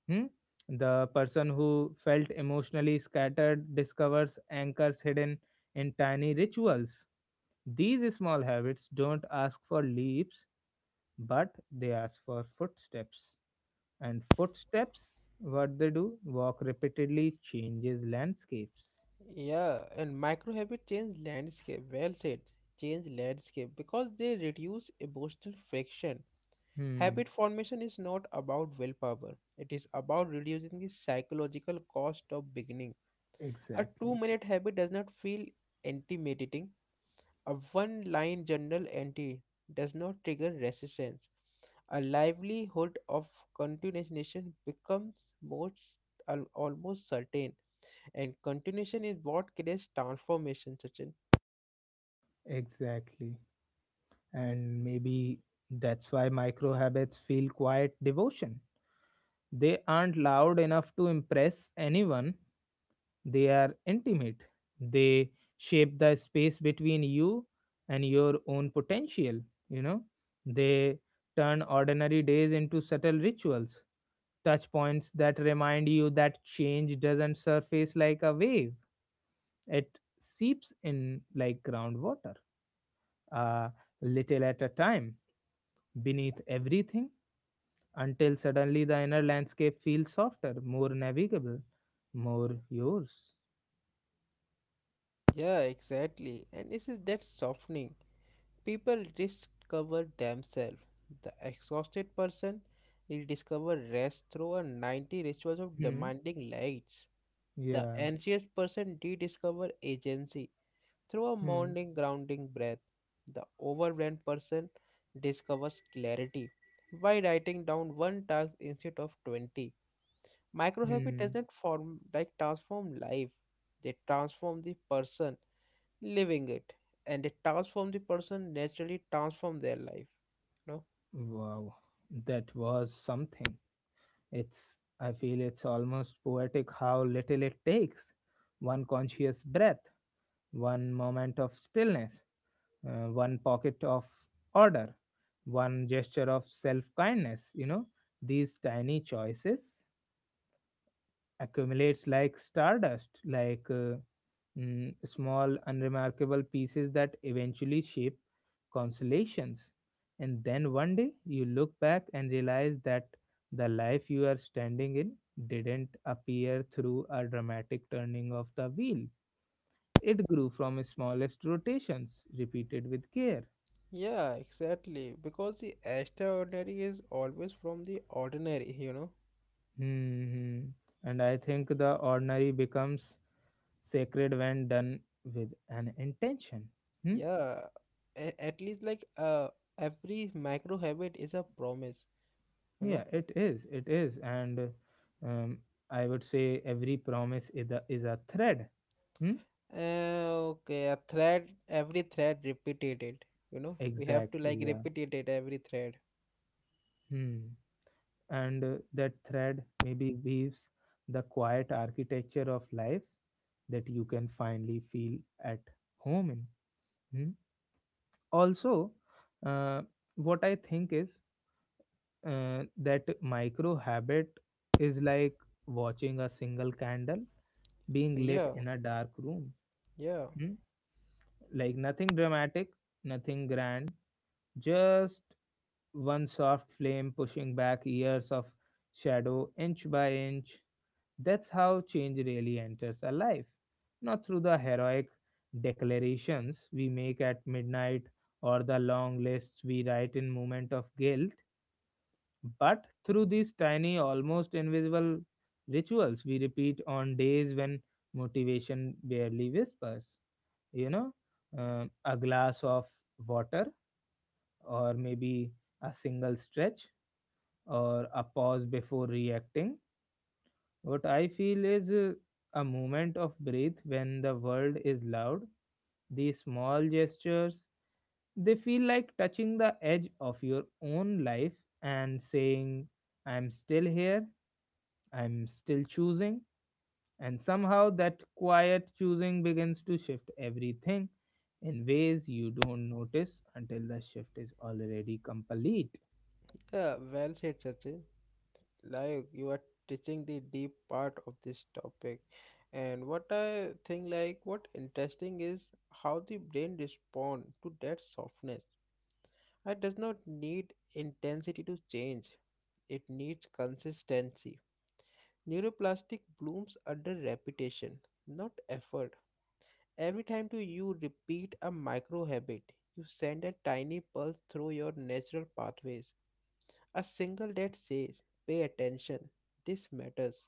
S1: Hmm? The person who felt emotionally scattered discovers anchors hidden in tiny rituals. These small habits don't ask for leaps, but they ask for footsteps. And footsteps, what they do, walk repeatedly, changes landscapes.
S2: Yeah, and micro habit change landscape. Well said. Change landscape because they reduce emotional friction.
S1: Hmm,
S2: Habit formation is not about willpower. It is about reducing the psychological cost of beginning. A two
S1: exactly,
S2: minute habit does not feel intimidating. A one line journal entry does not trigger resistance. A livelihood of continuation becomes most al- almost certain and continuation is what creates transformation, Sachin.
S1: exactly. And maybe that's why micro habits feel quiet devotion. They aren't loud enough to impress anyone, they are intimate. They shape the space between you and your own potential, you know. They turn ordinary days into subtle rituals, touch points that remind you that change doesn't surface like a wave. It seeps in like groundwater, a little at a time, beneath everything, until suddenly the inner landscape feels softer, more navigable, more yours.
S2: Yeah, exactly. And this is that softening. People discover themselves. The exhausted person will discover rest through a ninety rituals of
S1: Hmm.
S2: demanding lights. The
S1: Yeah.
S2: anxious person rediscover agency through a
S1: Hmm.
S2: morning grounding breath. The overwhelmed person discovers clarity by writing down one task instead of twenty. Microhabit
S1: Hmm.
S2: doesn't form like transform life. They transform the person living it. And they transform the person naturally transform their life. You know?
S1: Wow, that was something. It's, I feel it's almost poetic how little it takes. One conscious breath, one moment of stillness, uh, one pocket of order, one gesture of self kindness. You know, these tiny choices accumulates like stardust, like uh, mm, small, unremarkable pieces that eventually shape consolations. And then one day you look back and realize that the life you are standing in didn't appear through a dramatic turning of the wheel. It grew from smallest rotations, repeated with care.
S2: Yeah, exactly. Because the extraordinary is always from the ordinary, you know?
S1: Hmm. And I think the ordinary becomes sacred when done with an intention. Hmm.
S2: Yeah. A- at least like uh every micro habit is a promise, you
S1: Yeah,
S2: know?
S1: it is. It is. And uh, um, I would say every promise is a, is a thread. Hmm?
S2: Uh, okay, a thread every thread repeated it, you know? We have to
S1: Exactly.
S2: like
S1: Yeah.
S2: repeat it at every thread.
S1: Hmm. And uh, that thread maybe weaves the quiet architecture of life that you can finally feel at home in. Hmm? Also, uh, what I think is uh, that micro habit is like watching a single candle being lit
S2: Yeah,
S1: in a dark room.
S2: yeah.
S1: Hmm? Like nothing dramatic, nothing grand, just one soft flame pushing back years of shadow inch by inch. That's how change really enters our life, not through the heroic declarations we make at midnight or the long lists we write in moment of guilt, but through these tiny, almost invisible rituals we repeat on days when motivation barely whispers. you know uh, a glass of water, or maybe a single stretch, or a pause before reacting. What I feel is, uh, a moment of breath when the world is loud. These small gestures, they feel like touching the edge of your own life and saying, I'm still here, I'm still choosing. And somehow that quiet choosing begins to shift everything in ways you don't notice until the shift is already complete.
S2: Yeah, well said, Sachin. Like you are teaching the deep part of this topic. And what I think like what interesting is how the brain respond to that softness. It does not need intensity to change. It needs consistency. Neuroplastic blooms under repetition, not effort. Every time to you repeat a micro habit, you send a tiny pulse through your natural pathways. A single that says, pay attention, this matters.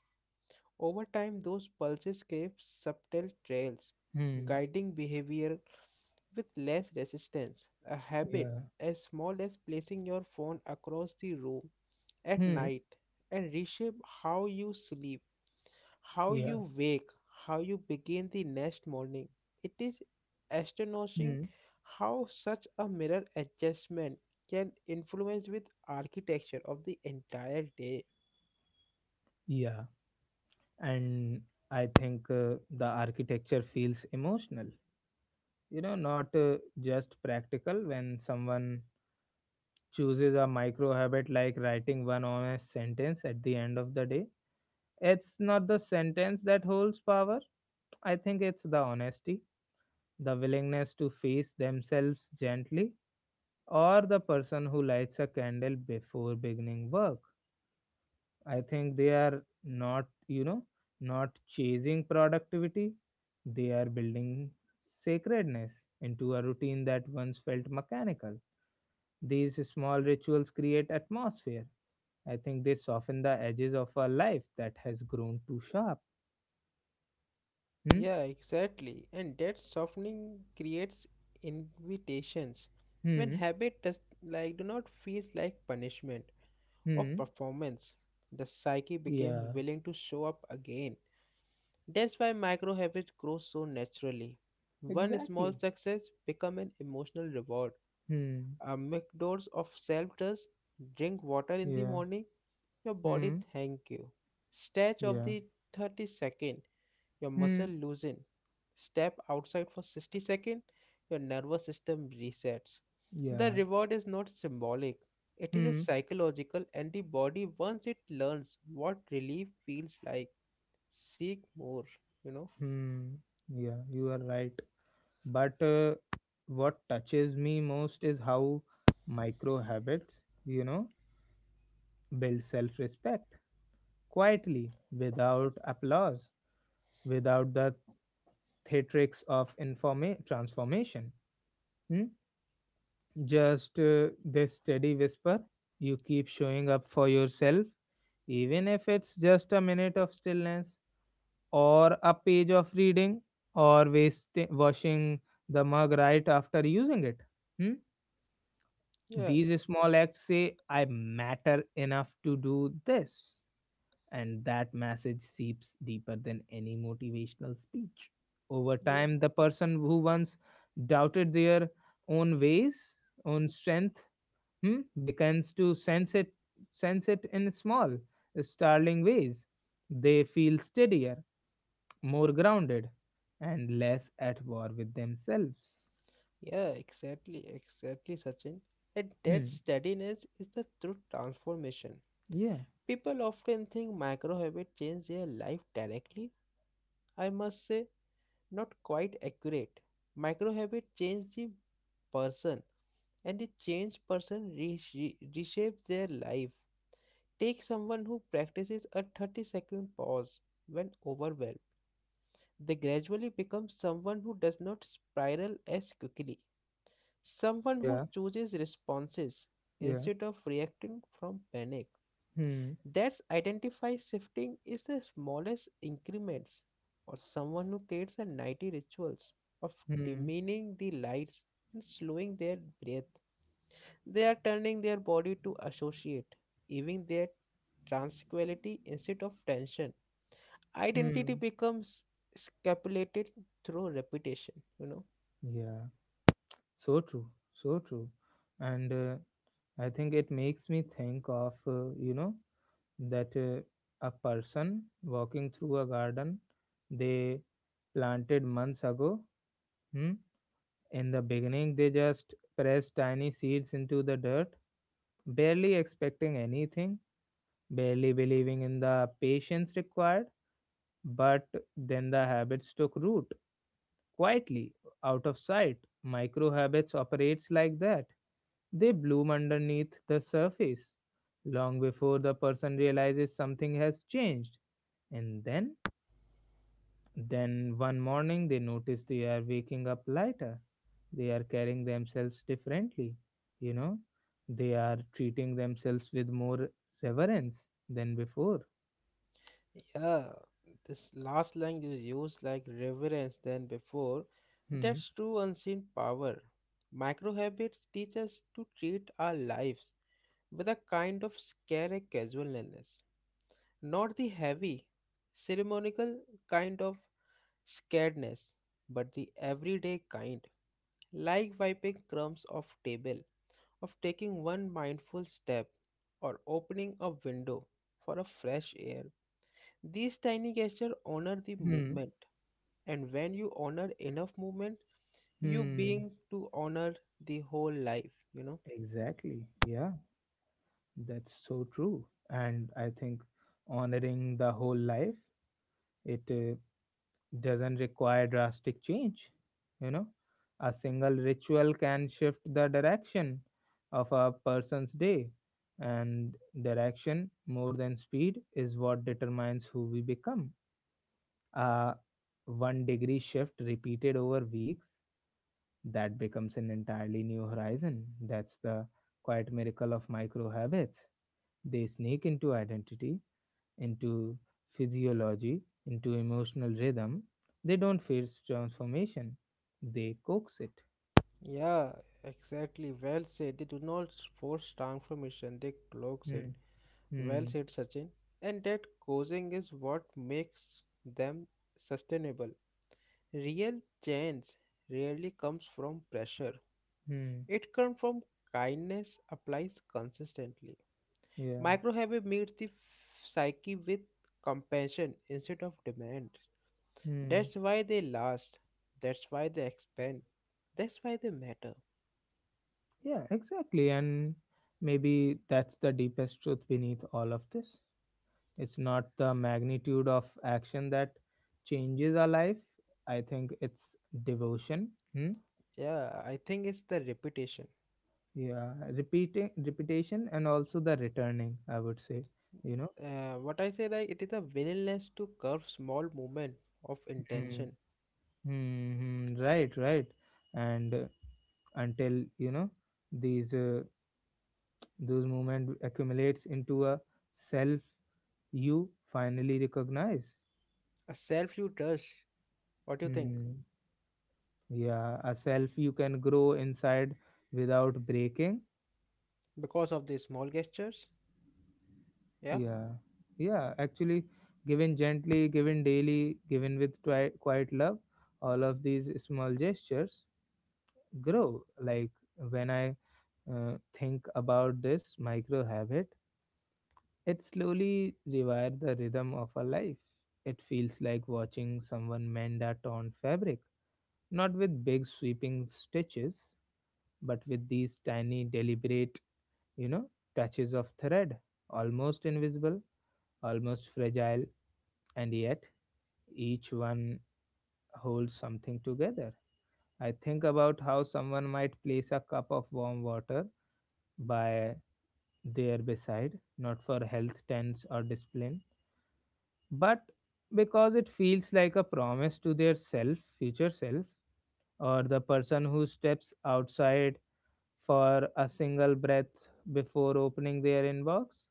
S2: Over time, those pulses gave subtle trails,
S1: Hmm.
S2: guiding behavior with less resistance. A habit
S1: Yeah.
S2: as small as placing your phone across the room at
S1: Hmm.
S2: night and reshape how you sleep, how
S1: Yeah.
S2: you wake, how you begin the next morning. It is astonishing
S1: Hmm.
S2: how such a mirror adjustment can influence with architecture of the entire day.
S1: Yeah. And I think uh, the architecture feels emotional, you know, not uh, just practical, when someone chooses a micro habit like writing one honest sentence at the end of the day. It's not the sentence that holds power. I think it's the honesty, the willingness to face themselves gently, or the person who lights a candle before beginning work. I think they are not, you know, not chasing productivity, they are building sacredness into a routine that once felt mechanical. These small rituals create atmosphere. I think they soften the edges of a life that has grown too sharp. Hmm?
S2: Yeah, exactly. And that softening creates invitations. When
S1: Hmm?
S2: habit does like do not feel like punishment or
S1: Hmm?
S2: performance, the psyche becomes
S1: Yeah,
S2: willing to show up again. That's why micro habits grow so naturally. One small
S1: exactly.
S2: success become an emotional reward.
S1: Hmm.
S2: A McDoors of self trust, drink water in the
S1: Yeah.
S2: morning, your body
S1: Hmm.
S2: thank you. Stretch of
S1: Yeah.
S2: the thirty second your
S1: Hmm.
S2: muscle loosen. Step outside for sixty seconds, your nervous system resets. The
S1: Yeah.
S2: reward is not symbolic, it is a
S1: Hmm.
S2: psychological, and the body, once it learns what relief feels like, seek more, you know?
S1: Hmm. Yeah, you are right. But uh, what touches me most is how micro habits, you know, build self respect quietly, without applause, without the theatrics of informa- transformation. Hmm? Just uh, this steady whisper, you keep showing up for yourself, even if it's just a minute of stillness, or a page of reading, or waste, washing the mug right after using it. Hmm?
S2: Yeah,
S1: These small acts say, I matter enough to do this. And that message seeps deeper than any motivational speech. Over
S2: yeah,
S1: time, the person who once doubted their own ways, own strength, hmm, begins to sense it, sense it in small, startling ways. They feel steadier, more grounded, and less at war with themselves.
S2: yeah, exactly, exactly, Sachin. And that
S1: Hmm.
S2: steadiness is the true transformation.
S1: Yeah.
S2: People often think micro habits change their life directly. I must say, not quite accurate. Micro habit change the person and the changed person resh- re- reshapes their life. Take someone who practices a thirty second pause when overwhelmed. They gradually become someone who does not spiral as quickly. Someone who
S1: Yeah.
S2: chooses responses
S1: Yeah.
S2: instead of reacting from panic.
S1: Hmm.
S2: That's identify shifting is the smallest increments or someone who creates a nighty rituals of
S1: Hmm.
S2: dimming the lights and slowing their breath. They are turning their body to associate, even their tranquility instead of tension. Identity
S1: Hmm.
S2: becomes scapulated through repetition, you know.
S1: Yeah. So true. So true. And uh, I think it makes me think of, uh, you know, that uh, a person walking through a garden they planted months ago. Hmm. In the beginning, they just pressed tiny seeds into the dirt, barely expecting anything, barely believing in the patience required. But then the habits took root quietly, out of sight. Micro habits operates like that. They bloom underneath the surface, long before the person realizes something has changed. And then, then one morning they notice they are waking up lighter. They are carrying themselves differently. You know, they are treating themselves with more reverence than before.
S2: Yeah, this last line is used like reverence than before.
S1: Hmm.
S2: That's true unseen power. Micro habits teach us to treat our lives with a kind of scary casualness, not the heavy, ceremonial kind of scaredness, but the everyday kind, like wiping crumbs off table, of taking one mindful step, or opening a window for a fresh air these tiny gestures honor the
S1: Hmm.
S2: movement, and when you honor enough movement, you
S1: Hmm.
S2: being to honor the whole life, you know.
S1: Exactly. Yeah, that's so true. And I think honoring the whole life, it uh, doesn't require drastic change. You know, a single ritual can shift the direction of a person's day. And direction, more than speed, is what determines who we become. A one degree shift repeated over weeks, that becomes an entirely new horizon. That's the quiet miracle of micro habits. They sneak into identity, into physiology, into emotional rhythm. They don't force transformation, they coax it.
S2: Yeah, exactly. Well said. They do not force transformation, they cloaks it.
S1: Hmm.
S2: Well
S1: Hmm.
S2: said, Sachin. And that causing is what makes them sustainable. Real change rarely comes from pressure,
S1: Hmm.
S2: it comes from kindness applies consistently.
S1: Yeah.
S2: Microhaven meets the f- psyche with compassion instead of demand.
S1: Hmm.
S2: That's why they last. That's why they expand. That's why they matter.
S1: Yeah, exactly. And maybe that's the deepest truth beneath all of this. It's not the magnitude of action that changes our life. I think it's devotion. Hmm?
S2: Yeah, I think it's the repetition.
S1: Yeah, repeating, repetition, and also the returning. I would say, you know.
S2: Uh, what I say that it is a willingness to curve small movement of
S1: Hmm.
S2: intention,
S1: Hmm. Hmm, right. Right. And uh, until you know these uh, those movement accumulates into a self you finally recognize.
S2: a self you trust. What do you think?
S1: Hmm. Yeah, a self you can grow inside without breaking.
S2: Because of the small gestures? Yeah.
S1: Yeah, yeah, actually, given gently, given daily, given with twi- quiet love, all of these small gestures grow. Like when I uh, think about this micro habit, it slowly rewires the rhythm of a life. It feels like watching someone mend a torn fabric, not with big sweeping stitches, but with these tiny, deliberate, you know, touches of thread, almost invisible, almost fragile, and yet each one holds something together. I think about how someone might place a cup of warm water by their beside, not for health trends or discipline, but because it feels like a promise to their self, future self, or the person who steps outside for a single breath before opening their inbox,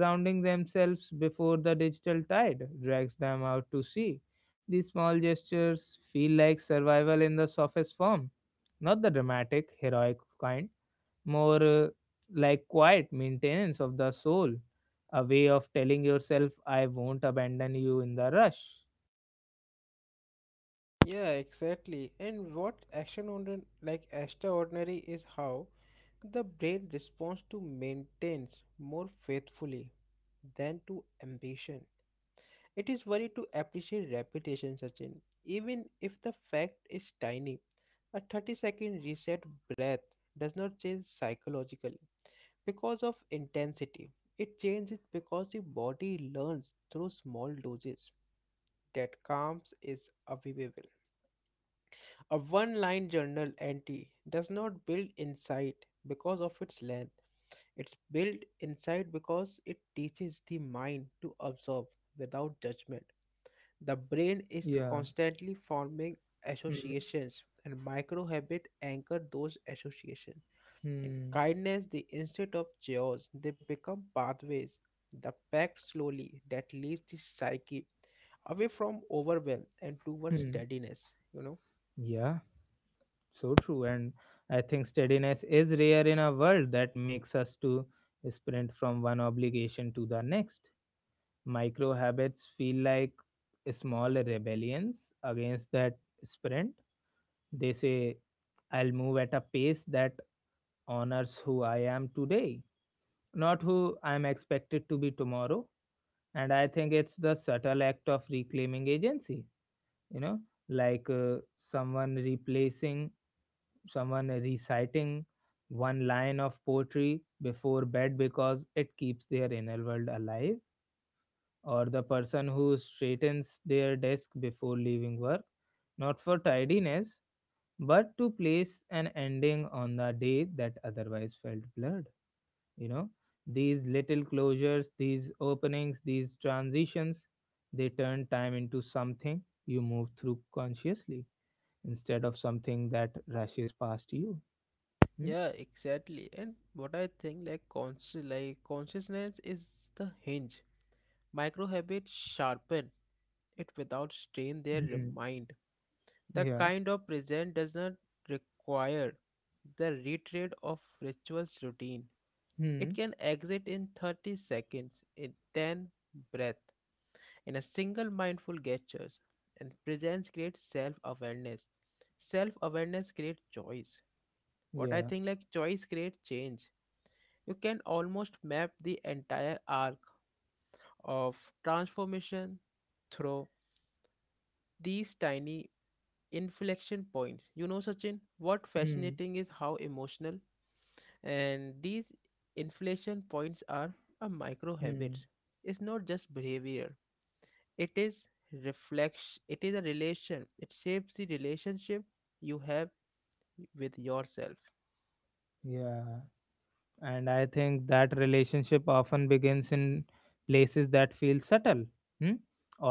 S1: grounding themselves before the digital tide drags them out to sea. These small gestures feel like survival in the softest form, not the dramatic, heroic kind, more uh, like quiet maintenance of the soul, a way of telling yourself, I won't abandon you in the rush.
S2: Yeah, exactly. And what action ordi- like extraordinary is how the brain responds to maintenance more faithfully than to ambition. It is worthy to appreciate repetition, Sachin, even if the fact is tiny. A thirty second reset breath does not change psychologically because of intensity. It changes because the body learns through small doses that calms is available. A one line journal entry does not build insight because of its length. It's built insight because it teaches the mind to observe without judgment. The brain is
S1: Yeah.
S2: constantly forming
S1: Hmm.
S2: associations and micro habits anchor those associations. In
S1: Hmm.
S2: kindness, they instead of jaws, they become pathways. The pack slowly that leads the psyche away from overwhelm and toward
S1: Hmm.
S2: steadiness, you know.
S1: Yeah. So true. And I think steadiness is rare in a world that makes us to sprint from one obligation to the next. Micro habits feel like small rebellions against that sprint. They say, I'll move at a pace that honors who I am today, not who I'm expected to be tomorrow. And I think it's the subtle act of reclaiming agency, you know, like uh, someone replacing someone reciting one line of poetry before bed because it keeps their inner world alive, or the person who straightens their desk before leaving work, not for tidiness, but to place an ending on the day that otherwise felt blurred. You know, these little closures, these openings, these transitions, they turn time into something you move through consciously instead of something that rushes past you. Hmm?
S2: Yeah, exactly. And what I think like conscious like consciousness is the hinge. Micro habits sharpen it without strain their
S1: Hmm.
S2: mind. The
S1: Yeah.
S2: kind of present does not require the retread of rituals routine.
S1: Hmm.
S2: It can exit in thirty seconds in ten breath in a single mindful gestures and presence creates self-awareness. Self-awareness creates choice. What I
S1: Yeah.
S2: think like choice creates change. You can almost map the entire arc of transformation through these tiny inflection points. You know, Sachin, what
S1: Hmm.
S2: fascinating is how emotional and these inflection points are a micro
S1: Hmm.
S2: habits. It's not just behavior. It is reflection. It is a relation. It shapes the relationship you have with yourself.
S1: Yeah. And I think that relationship often begins in places that feel subtle. Hmm?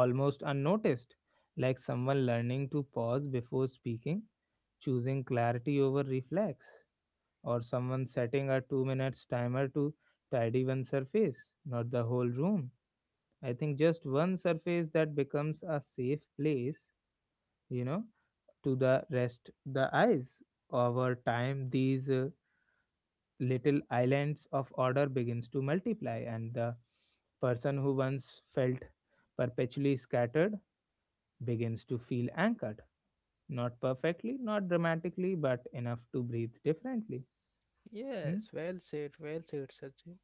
S1: Almost unnoticed, like someone learning to pause before speaking, choosing clarity over reflex, or someone setting a two minutes timer to tidy one surface, not the whole room. I think just one surface that becomes a safe place, you know, to the rest, the eyes. Over time these uh, little islands of order begins to multiply, and the person who once felt perpetually scattered begins to feel anchored, not perfectly, not dramatically, but enough to breathe differently. Hmm?
S2: Yes, well said, well said, Sachin.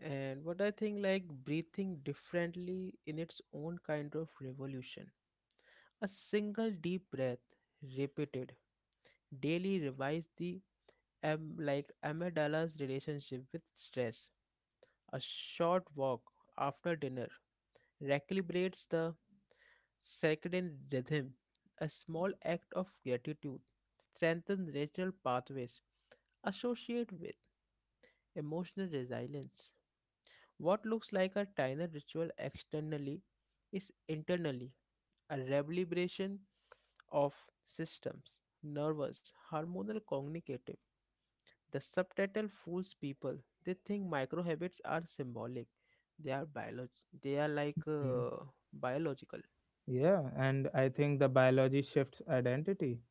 S2: And what I think, like breathing differently in its own kind of revolution. A single deep breath, repeated daily, revives the am like amygdala's relationship with stress. A short walk after dinner recalibrates the circadian rhythm. A small act of gratitude strengthens natural pathways associated with emotional resilience. What looks like a tiny ritual externally is internally a rebellion of systems, nervous, hormonal, communicative. The subtitle fools people. They think micro habits are symbolic. They are biolog. They are like
S1: Mm.
S2: uh, biological.
S1: Yeah, and I think the biology shifts identity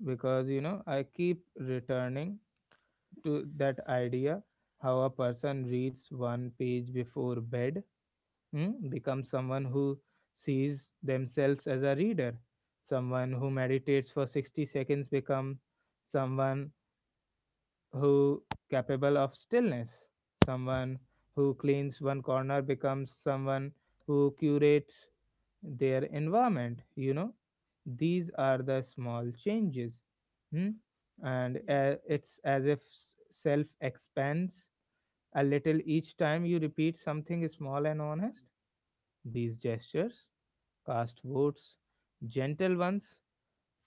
S1: because you know I keep returning to that idea how a person reads one page before bed, mm, become someone who sees themselves as a reader, someone who meditates for sixty seconds become someone who capable of stillness, someone who cleans one corner becomes someone who curates their environment, you know. These are the small changes. Hmm? and
S2: Yeah,
S1: uh, it's as if s- self expands a little each time you repeat something small and honest. These gestures cast votes, gentle ones,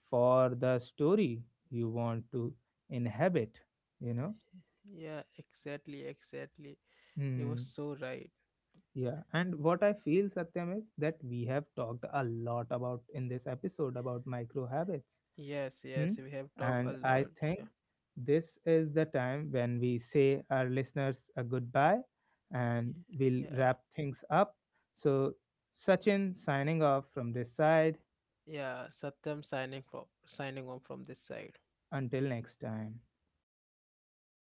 S1: for the story you want to inhabit, you know.
S2: yeah, exactly, exactly. You were
S1: Hmm.
S2: so right.
S1: Yeah, and what I feel, Satyam, is that we have talked a lot about in this episode about micro habits.
S2: Yes,
S1: Hmm?
S2: yes, we have talked a
S1: And I
S2: lot.
S1: think
S2: Yeah,
S1: this is the time when we say our listeners a goodbye and we'll
S2: yeah,
S1: wrap things up. So, Sachin signing off from this side.
S2: yeah. Satyam signing from signing on from this side.
S1: Until next time.
S2: Yeah.